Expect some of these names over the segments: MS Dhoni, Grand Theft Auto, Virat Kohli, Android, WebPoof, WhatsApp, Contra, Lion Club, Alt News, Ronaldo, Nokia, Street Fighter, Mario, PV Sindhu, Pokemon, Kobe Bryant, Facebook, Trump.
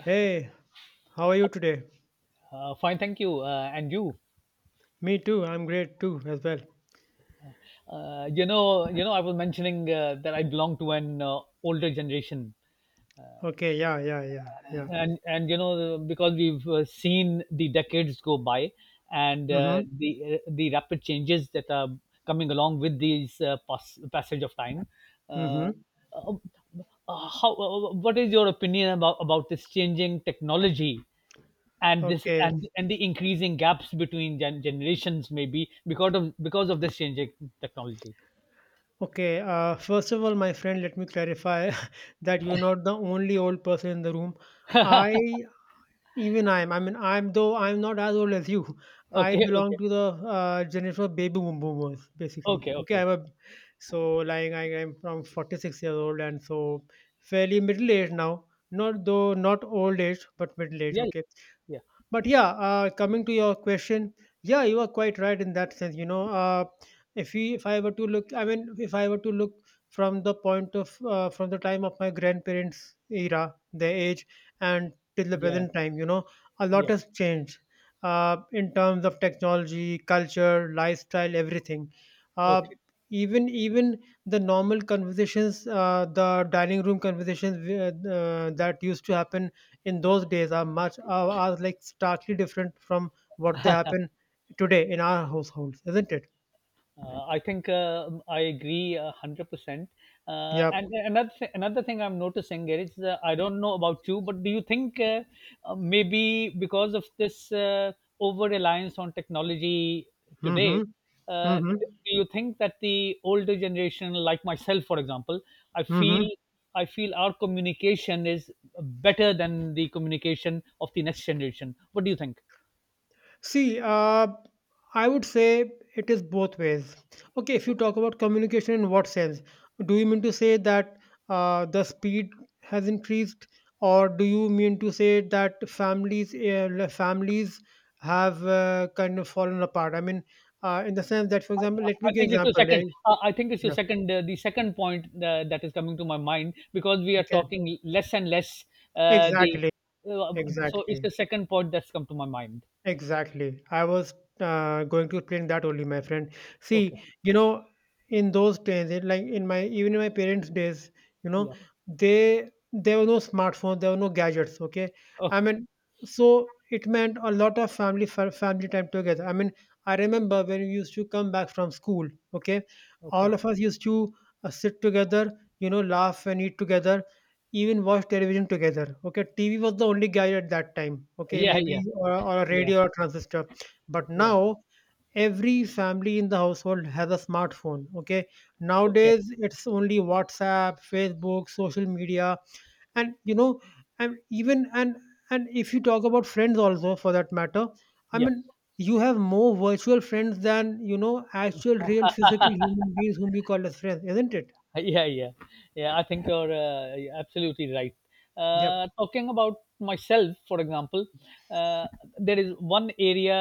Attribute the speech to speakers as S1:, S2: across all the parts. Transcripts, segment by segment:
S1: Hey, how are you today?
S2: Fine, thank you. And you,
S1: Me too. I'm great too as well.
S2: I was mentioning that I belong to an older generation,
S1: Okay, yeah, yeah, yeah, yeah.
S2: and because we've seen the decades go by, and
S1: Mm-hmm.
S2: the rapid changes that are coming along with these passage of time. Uh,
S1: Mm-hmm.
S2: uh, what is your opinion about this changing technology? And this
S1: Okay.
S2: and the increasing gaps between generations, maybe because of this changing technology.
S1: Okay. First of all, my friend, let me clarify that you're not the only old person in the room. I, Even I mean, I'm though I'm not as old as you. I
S2: Okay, okay,
S1: belong to the generation of boomers, basically.
S2: okay,
S1: Okay,
S2: okay.
S1: so like I'm from 46 years old and so fairly middle age now. Not though not old age, but middle age.
S2: Yeah,
S1: Okay,
S2: yeah,
S1: but yeah coming to your question, yeah, you are quite right in that sense, you know. If we if I were to look I mean if I were to look from the point of from the time of my grandparents era, their age, and till the
S2: yeah,
S1: present time, you know, a lot
S2: yeah.
S1: has changed in terms of technology, culture, lifestyle, everything. uh,
S2: Okay.
S1: even the normal conversations, the dining room conversations that used to happen in those days are are like starkly different from what they happen today in our households, isn't it?
S2: I think I agree 100%.
S1: Yep.
S2: And another thing I'm noticing is I don't know about you, but do you think, maybe because of this over reliance on technology today,
S1: Mm-hmm.
S2: uh,
S1: Mm-hmm.
S2: do you think that the older generation, like myself, for example, I feel
S1: Mm-hmm.
S2: I feel our communication is better than the communication of the next generation. What do you think?
S1: See, I would say it is both ways. Okay, if you talk about communication, in what sense? Do you mean to say that the speed has increased, or do you mean to say that families families have kind of fallen apart? I mean, in the sense that, for example, let me
S2: I
S1: give example.
S2: I think it's your
S1: Yeah,
S2: second. The second point that is coming to my mind, because we are
S1: okay.
S2: talking less and less. The
S1: Exactly.
S2: uh, so it's
S1: Exactly.
S2: the second point that's come to my mind.
S1: Exactly. I was going to explain that only, my friend.
S2: Okay.
S1: See, you know, in those days, like in my even in my parents' days, you know,
S2: Yeah.
S1: they there were no smartphones, there were no gadgets. Okay, I
S2: Okay.
S1: mean, so it meant a lot of family time together. I mean, I remember when we used to come back from school. Okay,
S2: Okay.
S1: all of us used to sit together, you know, laugh and eat together, even watch television together. Okay, TV was the only guide at that time. Okay,
S2: Yeah.
S1: maybe
S2: Yeah.
S1: or a
S2: Yeah.
S1: radio or transistor, but
S2: Yeah.
S1: now every family in the household has a smartphone. Okay,
S2: Okay.
S1: nowadays it's only WhatsApp, Facebook, social media, and you know, and and if you talk about friends also for that matter, I
S2: Yeah.
S1: mean you have more virtual friends than, you know, actual real physical human beings whom you call as friends, isn't it?
S2: Yeah, yeah, yeah. I think you're absolutely right.
S1: Yep.
S2: Talking about myself, for example, uh, there is one area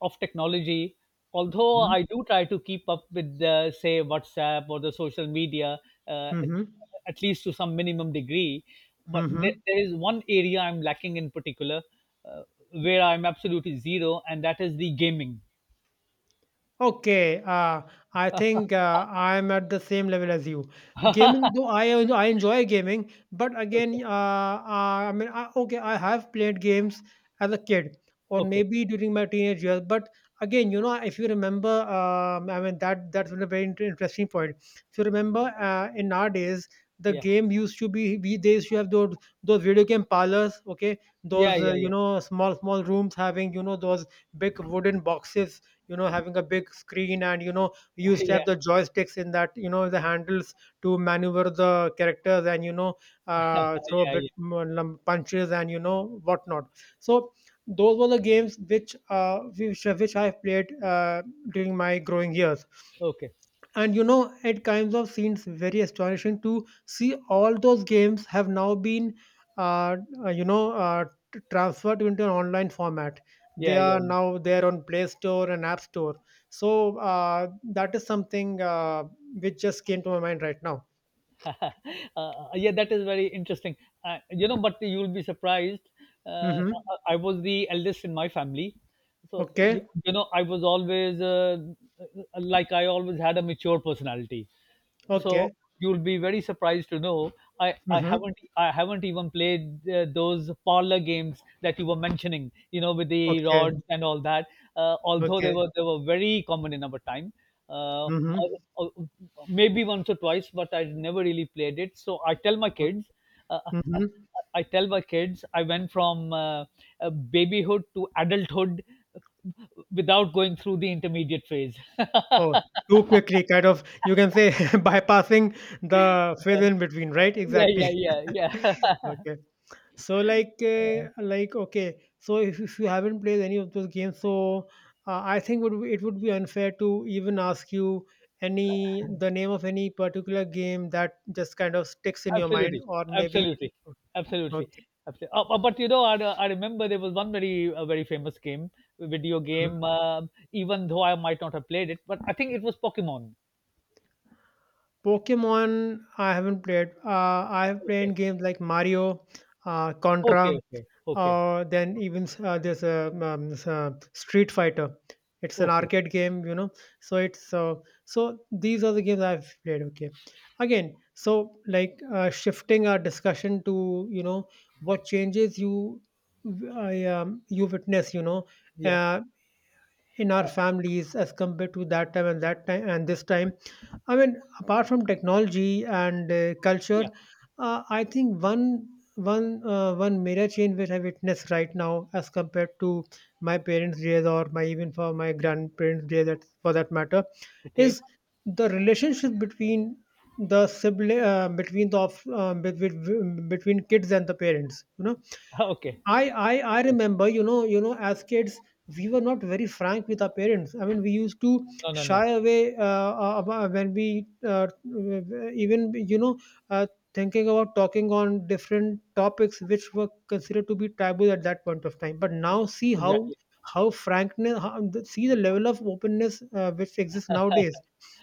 S2: of technology. Although
S1: Mm-hmm.
S2: I do try to keep up with, say, WhatsApp or the social media, uh, at, at least to some minimum degree, but
S1: Mm-hmm.
S2: there is one area I'm lacking in particular, uh, where I'm absolutely zero, and that is the gaming.
S1: Okay, I think I'm at the same level as you. Gaming, though I enjoy gaming, but again,
S2: Okay,
S1: I mean, okay, I have played games as a kid or
S2: okay.
S1: maybe during my teenage years. But again, you know, if you remember, I mean that's a very interesting point. If you remember, in our days, the
S2: Yeah,
S1: game used to be we they used to have those video game parlors. Okay,
S2: yeah,
S1: those
S2: yeah,
S1: you
S2: yeah.
S1: know small rooms having you know those big wooden boxes, you know, having a big screen and you know we used to have
S2: Yeah,
S1: the joysticks in that, you know, the handles to maneuver the characters and you know throw a
S2: yeah,
S1: bit
S2: yeah.
S1: more punches and you know whatnot. So those were the games which which I played during my growing years,
S2: Okay.
S1: and you know it kinds of seems very astonishing to see all those games have now been uh, uh, you know uh, transferred into an online format. They
S2: Yeah, yeah,
S1: are now there on Play Store and App Store. So that is something which just came to my mind right now.
S2: yeah. Yeah, that is very interesting. But you'll be surprised, uh,
S1: Mm-hmm.
S2: I was the eldest in my family, so
S1: Okay.
S2: you know I was always like I always had a mature personality. So
S1: Okay.
S2: you'll be very surprised to know, I
S1: Mm-hmm.
S2: haven't, I haven't even played those parlor games that you were mentioning. You know, with the
S1: Okay.
S2: rods and all that. Although they
S1: Okay.
S2: were they were very common in our time. Uh,
S1: Mm-hmm.
S2: or- or maybe once or twice, but I never really played it. So I tell my kids. Uh, I
S1: Mm-hmm.
S2: I tell my kids I went from, babyhood to adulthood without going through the intermediate phase.
S1: Oh, too quickly, kind of, you can say bypassing
S2: Yeah,
S1: the phase in between, right?
S2: yeah,
S1: Exactly.
S2: yeah, yeah.
S1: Okay. So like okay. So if you haven't played any of those games, so I think it would be unfair to even ask you any the name of any particular game that just kind of sticks in your mind,
S2: Absolutely,
S1: or maybe
S2: absolutely, absolutely,
S1: okay.
S2: absolutely. But you know, I remember there was one very famous game, video
S1: Mhm.
S2: game. Even though I might not have played it, but I think it was Pokemon.
S1: Pokemon, I haven't played. I have
S2: Okay,
S1: played games like Mario,
S2: okay,
S1: Contra.
S2: okay, okay,
S1: Then even there's a Street Fighter. It's an
S2: okay.
S1: arcade game, you know. So it's so these are the games I've played. Okay, again, so like shifting our discussion to you know what changes you you witness, you know,
S2: Yeah,
S1: uh, in our families as compared to that time and this time. I mean, apart from technology and culture,
S2: yeah.
S1: I think one major change which I witness right now, as compared to my parents' days or my even for my grandparents' days, that for that matter,
S2: Okay,
S1: is the relationship between the sibling between the of, between between kids and the parents. You know,
S2: okay.
S1: I
S2: Okay.
S1: remember, you know, as kids, we were not very frank with our parents. I mean, we used to
S2: No, no, no.
S1: shy away when we even, you know, uh, thinking about talking on different topics which were considered to be taboo at that point of time. But now, see
S2: Exactly.
S1: how frankness, how, see the level of openness which exists nowadays.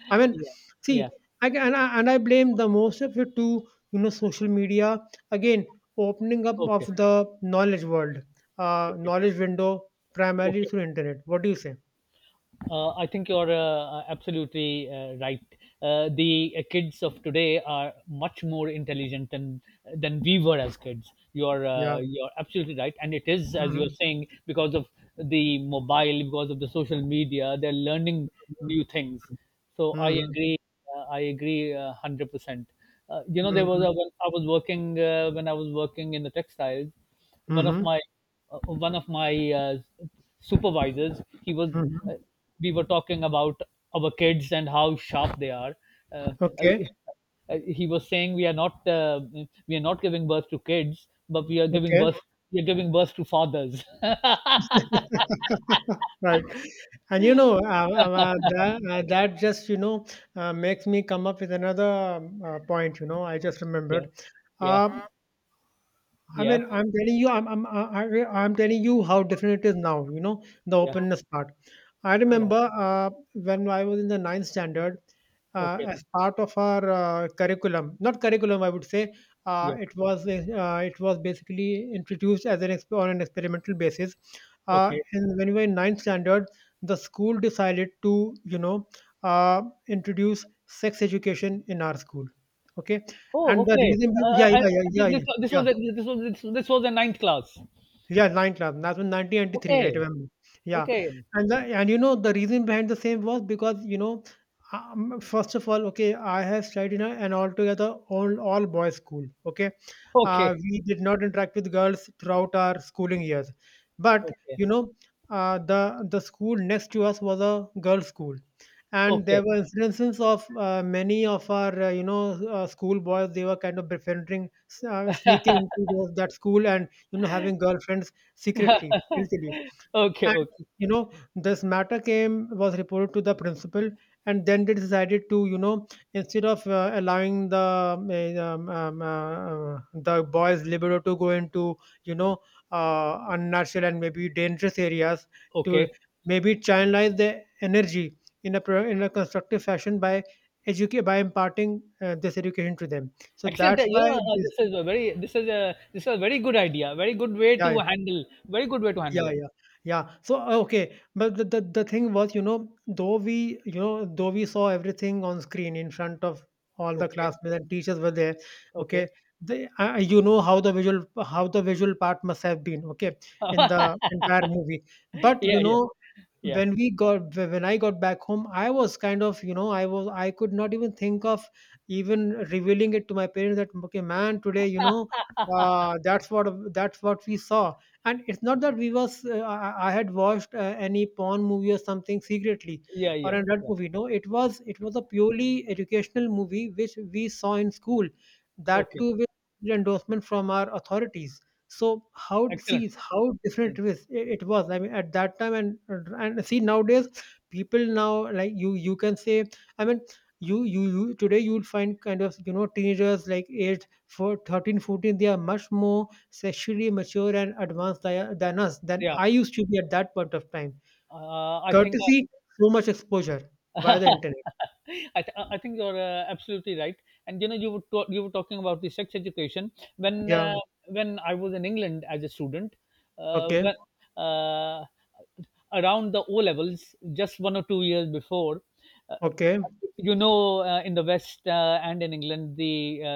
S1: I mean,
S2: Yeah, yeah.
S1: see, and and I blame the most of it to, you know, social media, again, opening up
S2: Okay,
S1: of the knowledge world,
S2: okay,
S1: knowledge window, primarily
S2: okay.
S1: through internet. What do you say?
S2: I think you're, absolutely, right. The kids of today are much more intelligent than we were as kids.
S1: Yeah.
S2: You're absolutely right, and it is, as you're
S1: Hmm.
S2: saying, because of the mobile, because of the social media, they're learning new things. So I
S1: Hmm.
S2: agree. I agree, 100%. You know, there was
S1: Hmm.
S2: when I was working, in the textiles, one of
S1: Hmm.
S2: my one of my supervisors. He was uh,
S1: Hmm.
S2: we were talking about our kids and how sharp they are. uh, I-
S1: Okay.
S2: he was saying we are not, we are not giving birth to kids, but
S1: Okay.
S2: we are giving birth to fathers.
S1: Right. And you know, that just you know makes me come up with another point. You know, I just
S2: Yeah,
S1: remembered uh,
S2: yeah,
S1: I
S2: yeah,
S1: mean, I'm telling you, I'm telling you how different it is now. You know the
S2: yeah,
S1: openness part. I
S2: yeah.
S1: remember when I was in the ninth standard,
S2: Okay,
S1: as part of our curriculum, not curriculum, I would say,
S2: yeah.
S1: it was basically introduced as an on an experimental basis.
S2: Okay.
S1: And when we were in ninth standard, the school decided to, you know, uh, introduce sex education in our school. Okay,
S2: Oh,
S1: and the
S2: okay.
S1: reason, yeah, yeah,
S2: I,
S1: yeah,
S2: this,
S1: yeah,
S2: this
S1: yeah,
S2: this
S1: yeah.
S2: was a, This was the ninth class.
S1: Yeah, Lion Club. That was 1993, I
S2: Okay,
S1: remember. Yeah,
S2: okay,
S1: and and you know the reason behind the same was because you know, first of all, okay, I have studied in an altogether all boys school. Okay,
S2: okay.
S1: we did not interact with girls throughout our schooling years, but
S2: Okay,
S1: you know, the school next to us was a girls' school, and
S2: okay,
S1: there were instances of many of our school boys, they were kind of befriending, sneaking into that school, and you know having girlfriends secretly, guiltily,
S2: okay,
S1: and
S2: okay,
S1: you know this matter came was reported to the principal, and then they decided to, you know, instead of allowing the um, eh, um, um, uh, uh, the boys libero to go into you know unnatural and maybe dangerous areas, to
S2: okay.
S1: maybe channelize their energy in in a constructive fashion by educate by imparting this education to them. So
S2: Actually,
S1: that's
S2: that,
S1: why this,
S2: this is a very good idea. Very good way
S1: yeah.
S2: to handle. Very good way to handle
S1: Yeah,
S2: it.
S1: yeah, yeah. So okay, but the thing was, you know, though we, you know, though we saw everything on screen in front of all the
S2: Okay,
S1: classmates and teachers were there. Okay,
S2: okay.
S1: they, you know how the visual part must have been. Okay, in the entire movie, but
S2: Yeah,
S1: you
S2: yeah,
S1: know,
S2: yeah,
S1: when when I got back home, I was kind of, you know, I was I could not even think of even revealing it to my parents that okay man today you know uh, that's what that's what we saw, and it's not that I had watched any porn movie or something secretly
S2: yeah,
S1: or
S2: yeah,
S1: an adult
S2: yeah.
S1: movie, no, it was it was a purely educational movie which we saw in school, that
S2: Okay,
S1: too with endorsement from our authorities. So how,
S2: excellent,
S1: see how different
S2: excellent.
S1: it was. It was. I mean, at that time and see nowadays, people now like you can say. I mean, you today you'll find kind of you know teenagers like age for 13, 14. They are much more sexually mature and advanced than us, than
S2: Yeah,
S1: I used to be at that point of time.
S2: I think.
S1: Courtesy, so much exposure via the internet.
S2: I think you're absolutely right. And you know, you were talking about the sex education, when uh,
S1: Yeah.
S2: when I was in England as a student,
S1: Okay.
S2: when uh, around the O levels, just 1 or 2 years before. Uh,
S1: Okay.
S2: you know, in the West and in England,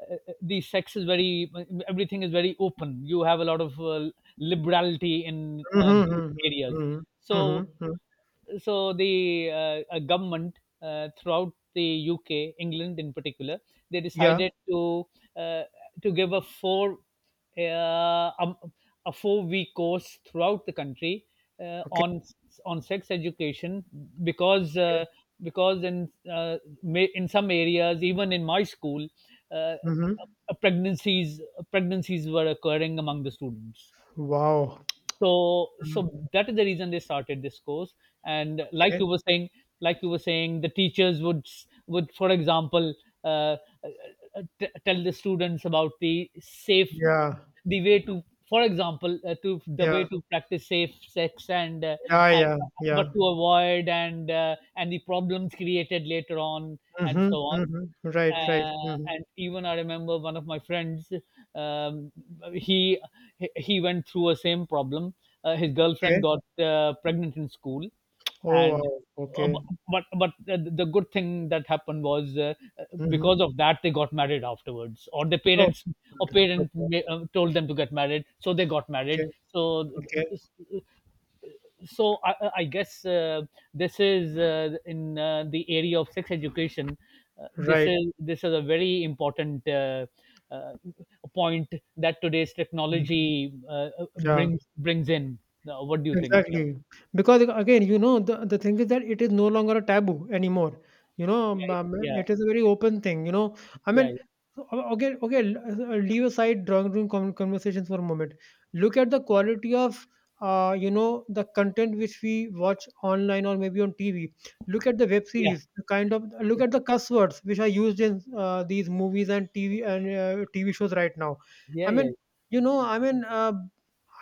S2: uh, the sex is very, everything is very open. You have a lot of liberality in
S1: Mm-hmm,
S2: these
S1: mm-hmm,
S2: areas.
S1: mm-hmm, mm-hmm.
S2: So
S1: Mm-hmm.
S2: so the government, throughout the UK, England in particular, they
S1: Yeah.
S2: decided uh, to give uh, um, a 4-week course throughout the country,
S1: Okay.
S2: on sex education, because uh,
S1: Okay.
S2: because in in some areas, even in my school, uh,
S1: Mm-hmm.
S2: uh, pregnancies pregnancies were occurring among the students.
S1: Wow.
S2: So
S1: Mm.
S2: that is the reason they started this course. And,
S1: Okay.
S2: like you were saying, the teachers would, for example, uh, uh, tell the students about
S1: Yeah,
S2: the way to, for example, to the way
S1: yeah,
S2: to practice safe sex, and uh,
S1: yeah,
S2: and
S1: yeah, yeah.
S2: what to avoid, and the problems created later on, and
S1: Mm-hmm,
S2: so on.
S1: mm-hmm. Right, right. Mm-hmm.
S2: And even I remember one of my friends. Um, he he went through a same problem. His girlfriend
S1: Okay.
S2: got pregnant in school,
S1: Oh,
S2: and
S1: wow. Okay.
S2: but the good thing that happened was,
S1: Mm-hmm.
S2: because of that they got married afterwards, or the
S1: Oh,
S2: parents or
S1: good.
S2: parents
S1: Okay,
S2: told them to get married, so they got married.
S1: okay,
S2: So
S1: okay.
S2: so I guess, this is in the area of sex education. This
S1: Right.
S2: is this is a very important, uh, point that today's
S1: Mm.
S2: technology
S1: Yeah.
S2: brings in. What do you think? Yeah,
S1: Exactly. Because again, you know, the thing is that it is no longer a taboo anymore.
S2: yeah,
S1: It is a very open thing. I
S2: yeah,
S1: mean,
S2: yeah,
S1: so, okay, okay. Leave aside drawing room conversations for a moment. Look at the quality of, the content which we watch online or maybe on TV. Look at the web
S2: yeah,
S1: series. The kind of look at the cuss words which are used in these movies and TV and TV shows right now.
S2: yeah,
S1: I
S2: yeah,
S1: mean, I mean,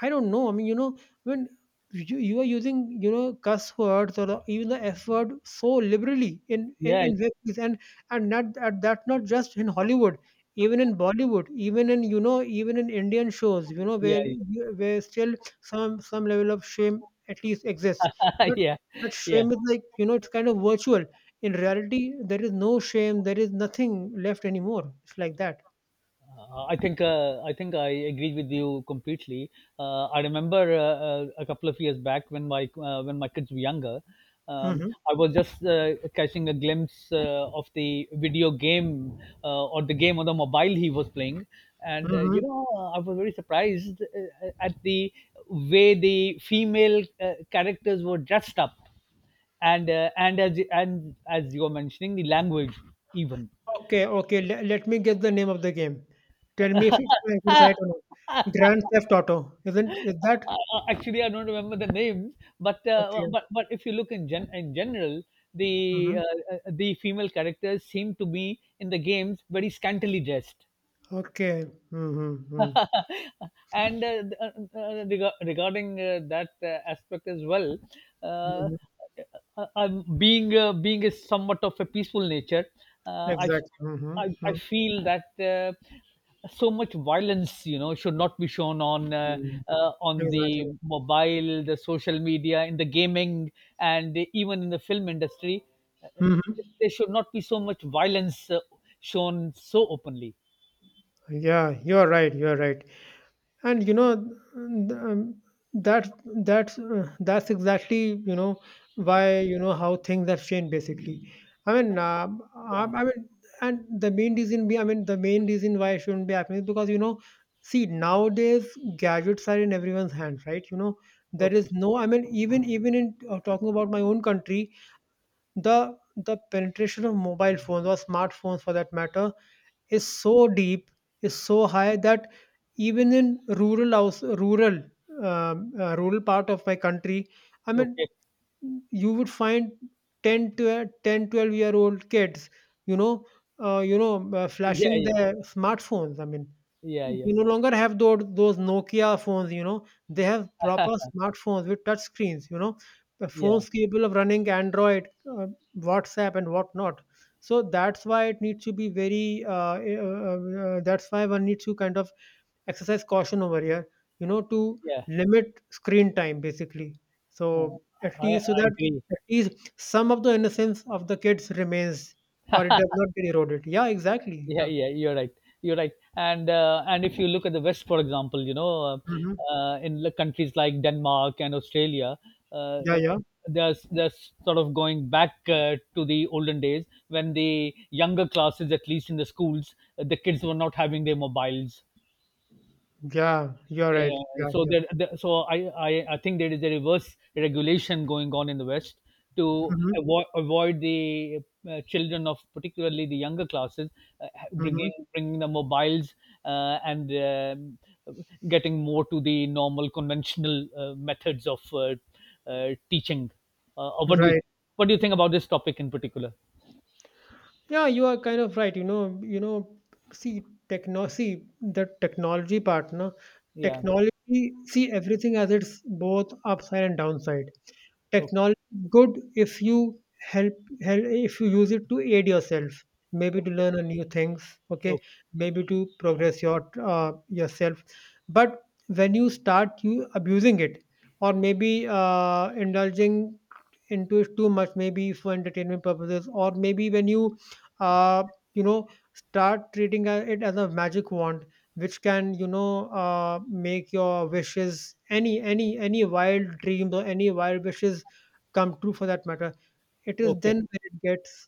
S1: I don't know. I mean. I mean, you are using cuss words or even the f word so liberally in
S2: yeah,
S1: in,
S2: yeah, yeah,
S1: in web series and not that not just in Hollywood, even in Bollywood, even in even in Indian shows,
S2: yeah,
S1: where where still some level of shame at least exists. But
S2: yeah, yeah,
S1: that
S2: yeah.
S1: shame is like it's kind of virtual. In reality there is no shame, there is nothing left anymore. It's like that.
S2: I think I agree with you completely. I remember, a couple of years back when my kids were younger. um,
S1: Hmm.
S2: I was just catching a glimpse of the video game, or the game on the mobile he was playing, and you know, I was very surprised at the way the female characters were dressed up, and as you were mentioning, the language, even.
S1: Okay, okay. Le Let me guess the name of the game. Tell me if it's right or not. Grand Theft Auto,
S2: I,
S1: isn't is that?
S2: I- Actually, I don't remember the names, but
S1: Okay.
S2: if you look in gen in general,
S1: Hmm.
S2: the female characters seem to be in the games very scantily dressed.
S1: Okay. Hmm, hmm, hmm.
S2: And regarding that aspect as well, uh, uh, I'm being being a somewhat of a peaceful nature, uh, I,
S1: Exactly. Hmm,
S2: I
S1: hmm.
S2: feel that so much violence, should not be shown on the
S1: Exactly.
S2: mobile, the social media, in the gaming, and even in the film industry. Uh,
S1: Hmm.
S2: there should not be so much violence shown so openly.
S1: Yeah, you're right. You're right. And that that's exactly you know why how things have changed, basically. i mean uh, i
S2: Yeah.
S1: I mean And the main reason be I mean the main reason why it shouldn't be happening is because see, nowadays gadgets are in everyone's hands, right? There
S2: Okay,
S1: is no. I mean, even in, talking about my own country, the the penetration of mobile phones or smartphones, for that matter, is so deep, is so high that even in rural house, rural, rural part of my country, I
S2: okay.
S1: mean, you would find 10 to 10, 12-year old kids, you know,
S2: Yeah,
S1: flashing
S2: yeah,
S1: their smartphones. I mean,
S2: yeah, yeah,
S1: we no longer have those Nokia phones. They have proper smartphones with touch screens, the
S2: yeah,
S1: phones capable of running Android, WhatsApp, and whatnot. So that's why it needs to be very. That's why one needs to kind of exercise caution over here, to
S2: yeah.
S1: limit screen time basically.
S2: Uh,
S1: So at
S2: I
S1: least so that
S2: agree.
S1: at least some of the innocence of the kids remains, or it does not get eroded. Yeah, exactly.
S2: Yeah,
S1: Yeah.
S2: yeah, you're right. You're right. And if you look at the West, for example, you know,
S1: Hmm.
S2: in the countries like Denmark and Australia,
S1: Yeah,
S2: uh, uh,
S1: yeah.
S2: there's sort of going back to the olden days, when the younger classes, at least in the schools, the kids were not having their mobiles.
S1: Yeah, you're right.
S2: Yeah,
S1: Yeah,
S2: so
S1: yeah.
S2: I think there is a reverse regulation going on in the West to
S1: Hmm,
S2: avoid the children of particularly the younger classes,
S1: hmm.
S2: bringing the mobiles, and getting more to the normal conventional methods of, teaching. Or what do you,
S1: Right.
S2: think about this topic in particular?
S1: Yeah, you are kind of right. See, techno see the technology part, no?
S2: Yeah.
S1: Technology, see everything as its both upside and downside.
S2: Okay.
S1: Technology is good if you help, use it to aid yourself, maybe to learn a new things, okay,
S2: Okay.
S1: maybe to progress yourself. But when you start you abusing it, or maybe indulging into it too much, maybe for entertainment purposes, or maybe when you uh, you know start treating it as a magic wand which can make your wishes, any wild dreams or any wild wishes come true, for that matter. It is
S2: Okay.
S1: then when it gets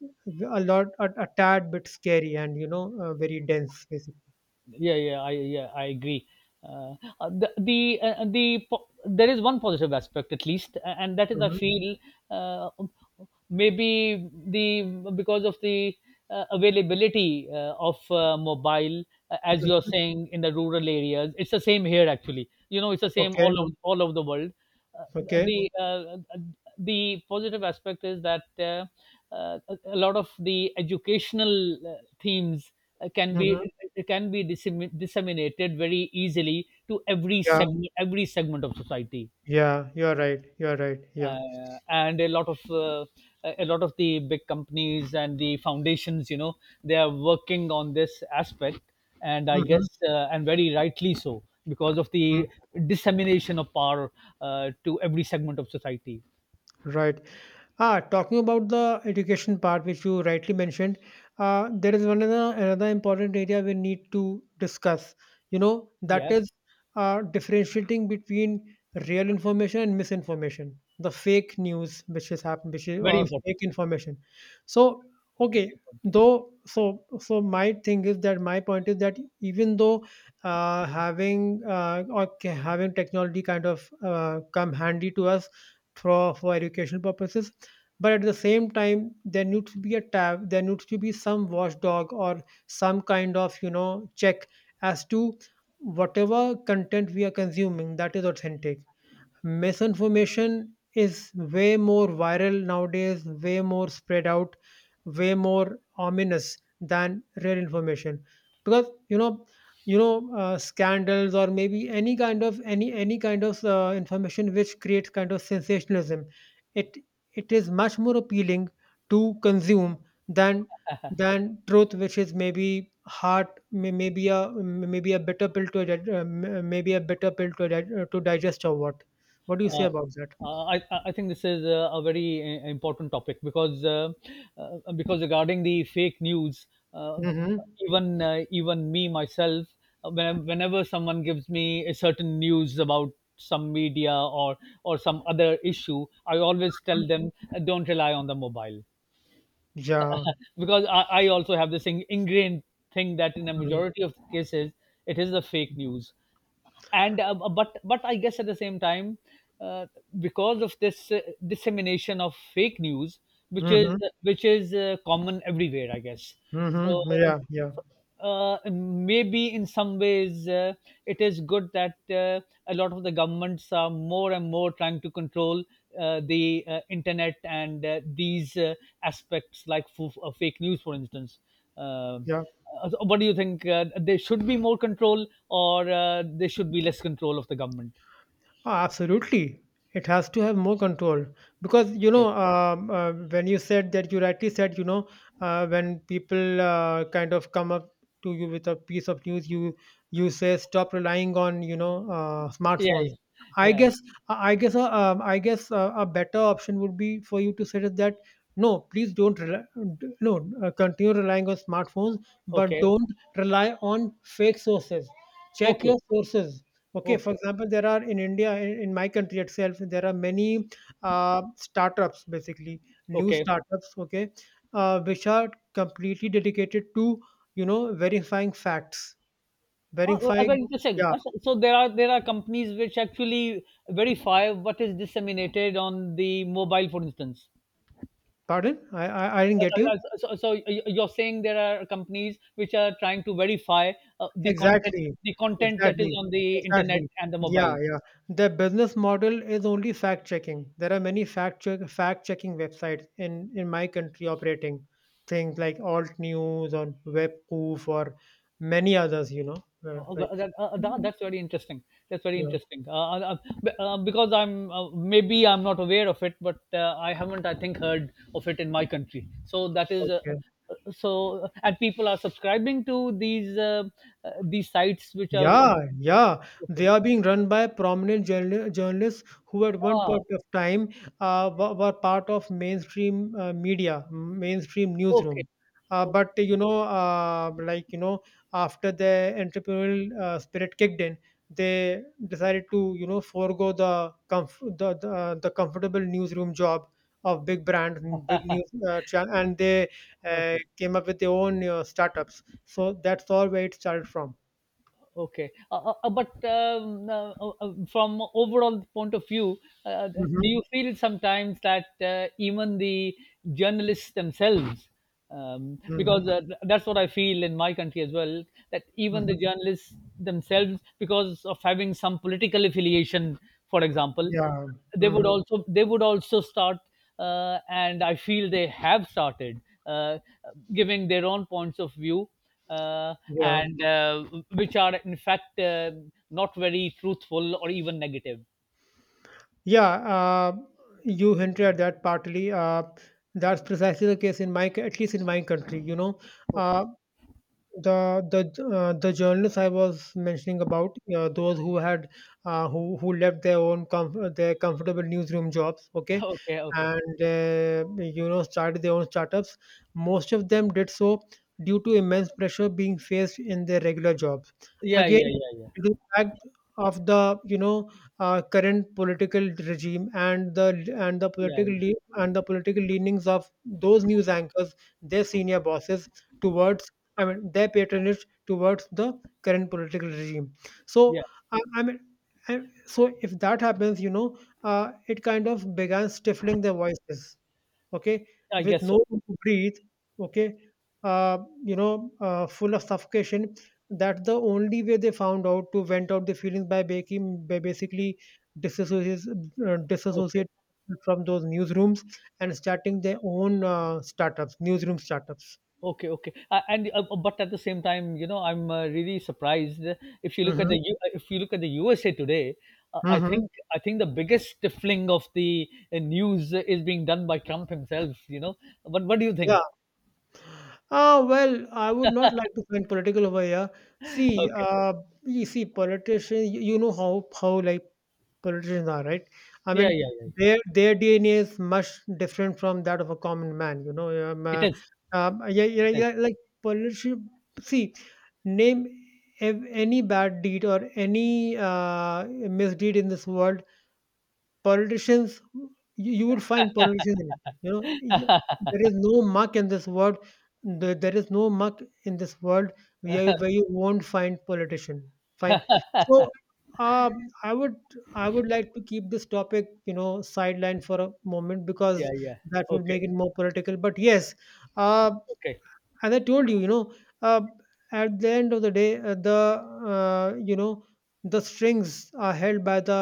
S1: a lot, a tad bit scary and very dense basically.
S2: Yeah, yeah. I agree. uh, there is one positive aspect, at least, and that is, I
S1: Hmm.
S2: feel, uh, maybe the because of the availability of mobile, as you're saying, in the rural areas. It's the same here, actually, you know, it's the same
S1: Okay,
S2: all of all over the world. uh,
S1: okay.
S2: the uh, the positive aspect is that, uh, a lot of the educational themes, uh, can
S1: Hmm.
S2: be can be disseminated very easily to every
S1: Yeah,
S2: segment, of society.
S1: yeah, you're right. You're right. Yeah.
S2: And a lot of, the big companies and the foundations, you know, they are working on this aspect, and I
S1: Hmm.
S2: guess, and very rightly so, because of the dissemination of power to every segment of society.
S1: Right. Ah, talking about the education part, which you rightly mentioned, there is another important area we need to discuss. That
S2: Yeah,
S1: is differentiating between real information and misinformation, the fake news which has happened, which is,
S2: very
S1: or
S2: important.
S1: fake information. So,
S2: Very
S1: okay,
S2: important.
S1: though, so my thing is that, my point is that even though having having technology kind of come handy to us for educational purposes, but at the same time there needs to be a tab, there needs to be some watchdog or some kind of check as to whatever content we are consuming that is authentic. Misinformation is way more viral nowadays, way more spread out, way more ominous than real information. Because scandals or maybe any kind of any kind of information which creates kind of sensationalism. It it is much more appealing to consume than truth, which is maybe hard, maybe a maybe a bitter pill to dig- maybe a bitter pill to to digest or what. What do you say
S2: Uh,
S1: about that?
S2: I think this is a very important topic because regarding the fake news, uh,
S1: Mhm.
S2: even even me myself, whenever someone gives me a certain news about some media or some other issue, I always tell
S1: Mm.
S2: them don't rely on the mobile.
S1: Yeah.
S2: Because I also have this thing, ingrained thing that in a
S1: Mhm.
S2: majority of cases it is the fake news. And uh, but but I guess at the same time, uh, because of this dissemination of fake news which is
S1: Mhm.
S2: common everywhere I guess.
S1: Mhm.
S2: so uh,
S1: Yeah, yeah,
S2: Maybe in some ways it is good that a lot of the governments are more and more trying to control the internet and these aspects like fake news, for instance. Um,
S1: yeah.
S2: so what do you think, there should be more control or there should be less control of the government?
S1: Oh, absolutely. It has to have more control because
S2: Yeah,
S1: when you said that, you rightly said, when people kind of come up to you with a piece of news, you say stop relying on
S2: yeah,
S1: smartphones.
S2: yeah,
S1: I
S2: yeah.
S1: guess I guess a better option would be for you to suggest that, no, please don't rely, d- no continue relying on smartphones, but
S2: Okay,
S1: don't rely on fake sources. Check
S2: okay,
S1: your sources. Okay, for
S2: okay,
S1: example, there are, in India, in, my country itself, there are many startups, basically new
S2: okay.
S1: startups. Okay, which are completely dedicated to verifying facts,
S2: Oh, very
S1: verifying.
S2: interesting.
S1: Yeah,
S2: So there are companies which actually verify what is disseminated on the mobile, for instance.
S1: pardon, I didn't get
S2: Uh, uh,
S1: you.
S2: so you're saying there are companies which are trying to verify the content,
S1: Exactly,
S2: the content that is
S1: exactly,
S2: on the internet
S1: exactly.
S2: and the
S1: Yeah,
S2: mobile.
S1: yeah. The business model is only fact checking. There are many fact checking websites in my country operating, things like Alt News or WebPoof or many others.
S2: Oh,
S1: Like.
S2: that's very interesting. That's very
S1: Yeah,
S2: interesting. Uh, uh, b- because I'm maybe I'm not aware of it, but I haven't, I think, heard of it in my country. So that is uh,
S1: okay.
S2: uh, so, uh, and people are subscribing to these sites which are
S1: Yeah, yeah.
S2: okay.
S1: They are being run by prominent journalists who, at one
S2: Ah,
S1: point of time, were part of mainstream media, mainstream
S2: okay.
S1: newsroom. But like, after the entrepreneurial spirit kicked in, they decided to forego the comfortable newsroom job of big brands and big news, and they
S2: Okay.
S1: came up with their own startups. So that's all where it started from.
S2: Okay, but from overall point of view, do you feel sometimes that even the journalists themselves,
S1: Mhm,
S2: because that's what I feel in my country as well, that even
S1: mhm.
S2: the journalists themselves, because of having some political affiliation, for example,
S1: Yeah. Mhm.
S2: they would also start, and I feel they have started uh, giving their own points of view, uh,
S1: Yeah.
S2: and which are in fact not very truthful or even negative.
S1: Yeah. Uh, you hinted at that partly. That's precisely the case in my, at least in my country.
S2: Okay,
S1: Uh, the journalists I was mentioning about, those who had who left their own their comfortable newsroom jobs, okay,
S2: okay, okay.
S1: and started their own startups. Most of them did so due to immense pressure being faced in their regular jobs.
S2: Yeah, yeah,
S1: Again,
S2: yeah, yeah,
S1: due to the fact of the current political regime and the
S2: yeah, yeah.
S1: political leanings of those news anchors, their senior bosses towards, I mean, their patronage towards the current political regime. So,
S2: Yeah.
S1: I mean, so if that happens, it kind of began stifling their voices, okay,
S2: I
S1: with
S2: guess so.
S1: no room to breathe, okay, full of suffocation. That the only way they found out to vent out the feelings, by basically disassociate,
S2: Okay,
S1: disassociate from those newsrooms and starting their own startups, newsroom startups.
S2: okay, okay. And but at the same time, you know, I'm really surprised if you look at the
S1: Mm-hmm.
S2: U- if you look at the USA today. Uh, I
S1: Mm-hmm.
S2: think I think the biggest stifling of the news is being done by Trump himself. You know, but what do you
S1: Yeah.
S2: think?
S1: Ah, well, I would not like to find political over here. See,
S2: Okay,
S1: you see, politicians, you know how like politicians are, right? I
S2: yeah,
S1: mean,
S2: yeah, yeah.
S1: their DNA is much different from that of a common man.
S2: It is.
S1: Yeah, yeah,
S2: It is.
S1: yeah, like politician. See, name any bad deed or any misdeed in this world, politicians, you would find politicians elected. You, there is no muck in this world, there is no muck in this world, where you won't find politician. Fine. So, uh, i would I would like to keep this topic sideline for a moment
S2: Yeah,
S1: because
S2: yeah.
S1: that would
S2: Okay.
S1: make it more political, but yes. uh,
S2: Okay.
S1: as I told you, you know uh, at the end of the day, the you know the strings are held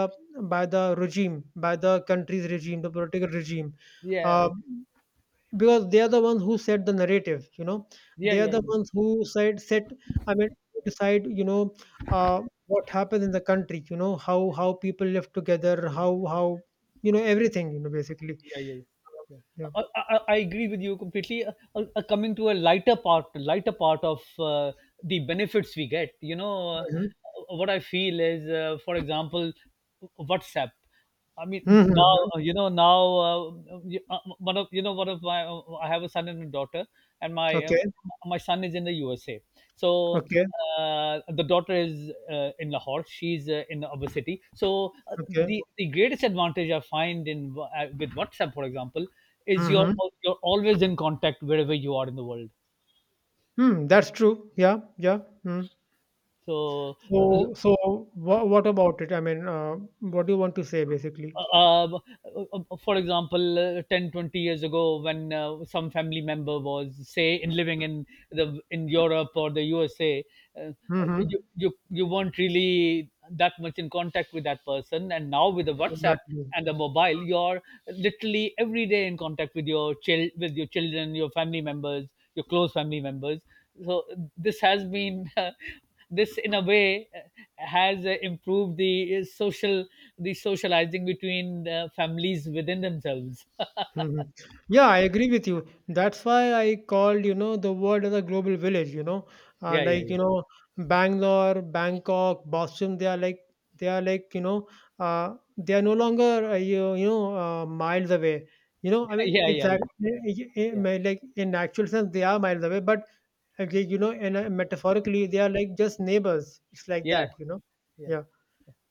S1: by the regime, by the country's regime, the political regime.
S2: Yeah.
S1: uh,
S2: Okay.
S1: because they are the ones who set the narrative,
S2: Yeah.
S1: they are
S2: Yeah. Yeah.
S1: the ones who set set I mean decide, uh, what happens in the country, how people live together, how how everything, basically.
S2: Yeah. Yeah. Yeah.
S1: Yeah.
S2: I agree with you completely. Coming to a lighter part of the benefits we get. You know,
S1: Hmm,
S2: what I feel is, for example, WhatsApp. I mean, now
S1: hmm.
S2: you know now one of you know one of my I have a son and a daughter, and
S1: Okay,
S2: my son is in the USA. So
S1: okay,
S2: the daughter is in Lahore. She's in our city. So uh,
S1: okay.
S2: the the greatest advantage I find in with WhatsApp, for example, is
S1: Hmm.
S2: you're always in contact wherever you are in the world.
S1: Hmm, that's true. Yeah, yeah. Hmm.
S2: So uh,
S1: So, what about it? I mean, what do you want to say basically?
S2: for example, 10, 20 years ago, when some family member was, say, in living in the in Europe or the USA, uh,
S1: Mm-hmm.
S2: you you weren't really that much in contact with that person, and now with the WhatsApp
S1: Exactly.
S2: and the mobile, you're literally every day in contact with your child, with your children, your family members, your close family members. So this has been this in a way has improved the socializing between the families within themselves.
S1: Hmm. Yeah, I agree with you. That's why I called, the world as a global village,
S2: Yeah, yeah,
S1: like,
S2: yeah.
S1: Bangalore, Bangkok, Boston, they are like, they are no longer, miles away. I mean,
S2: Yeah, yeah, yeah,
S1: exactly,
S2: yeah,
S1: like in actual sense, they are miles away, but okay, and metaphorically, they are like just neighbors. It's like
S2: yeah,
S1: that.
S2: yeah.
S1: Yeah.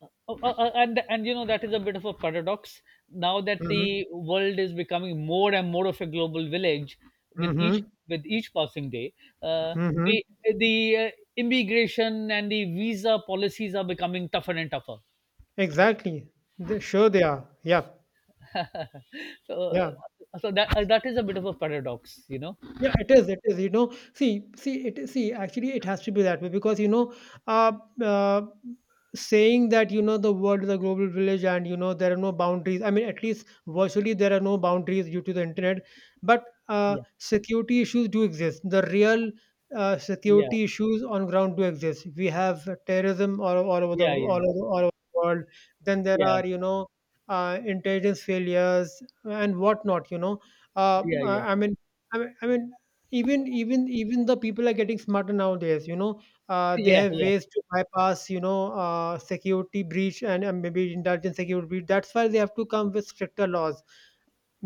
S2: Oh, oh, oh, and you know that is a bit of a paradox now that
S1: Mm-hmm.
S2: the world is becoming more and more of a global village with each
S1: Mm-hmm.
S2: with each passing day. uh,
S1: Mm-hmm.
S2: the the uh, immigration and the visa policies are becoming tougher and tougher.
S1: Exactly. They, sure, they are. Yeah.
S2: so uh,
S1: Yeah.
S2: so that that is a bit of a paradox, you know.
S1: Yeah, it is. It is. See. Actually, it has to be that way because uh, uh, saying that the world is a global village and there are no boundaries. I mean, at least virtually there are no boundaries due to the internet. But
S2: Yeah,
S1: security issues do exist. The real
S2: yeah,
S1: security issues on ground do exist. We have terrorism
S2: yeah, yeah,
S1: all over the world. Then there
S2: yeah,
S1: are intelligence failures and whatnot.
S2: yeah, yeah.
S1: I mean. I mean, even the people are getting smarter nowadays, they
S2: Yeah,
S1: have
S2: yeah.
S1: ways to bypass security breach and maybe intelligence security breach. That's why they have to come with stricter laws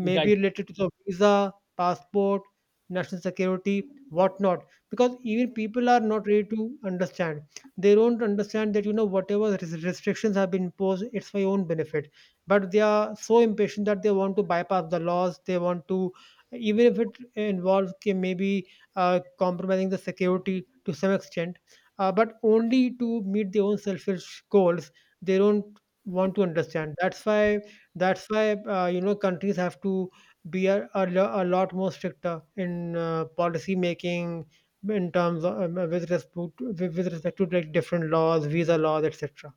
S2: You're right.
S1: related to the visa, passport, national security, whatnot. Because even people are not ready to understand. They don't understand that whatever restrictions have been imposed, it's for your own benefit. But they are so impatient that they want to bypass the laws. They want to, even if it involves, okay, maybe compromising the security to some extent, but only to meet their own selfish goals. They don't want to understand. That's why countries have to be a lot more stricter in policy making in terms of with respect to, with respect to, like, different laws, visa laws, etc.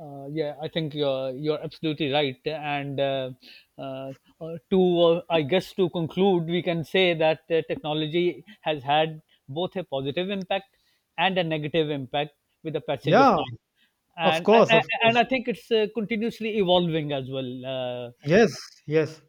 S2: Uh, yeah i think you're absolutely right. And uh, uh, uh, to uh, i guess to conclude we can say that technology has had both a positive impact and a negative impact with the passage of
S1: Yeah,
S2: time.
S1: of
S2: and
S1: course,
S2: and,
S1: of
S2: and
S1: course.
S2: i think it's continuously evolving as well. uh,
S1: Yes, yes.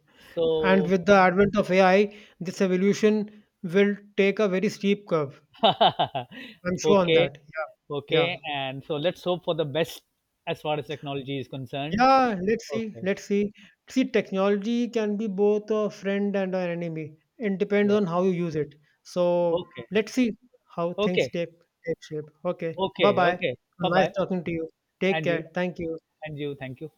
S1: And
S2: so
S1: with the advent of AI, this evolution will take a very steep curve. I'm sure on
S2: okay,
S1: that. Yeah, yeah.
S2: okay. And so let's hope for the best as far as technology is concerned.
S1: Yeah, let's see.
S2: Okay,
S1: Let's see. See, technology can be both a friend and an enemy. It depends
S2: yeah.
S1: on how you use it. So
S2: Okay,
S1: let's see how things
S2: okay,
S1: take shape. Okay. Bye
S2: okay,
S1: bye.
S2: okay. Bye
S1: Nice
S2: bye.
S1: talking to you. Take
S2: And you,
S1: care. Thank you.
S2: and you, thank you.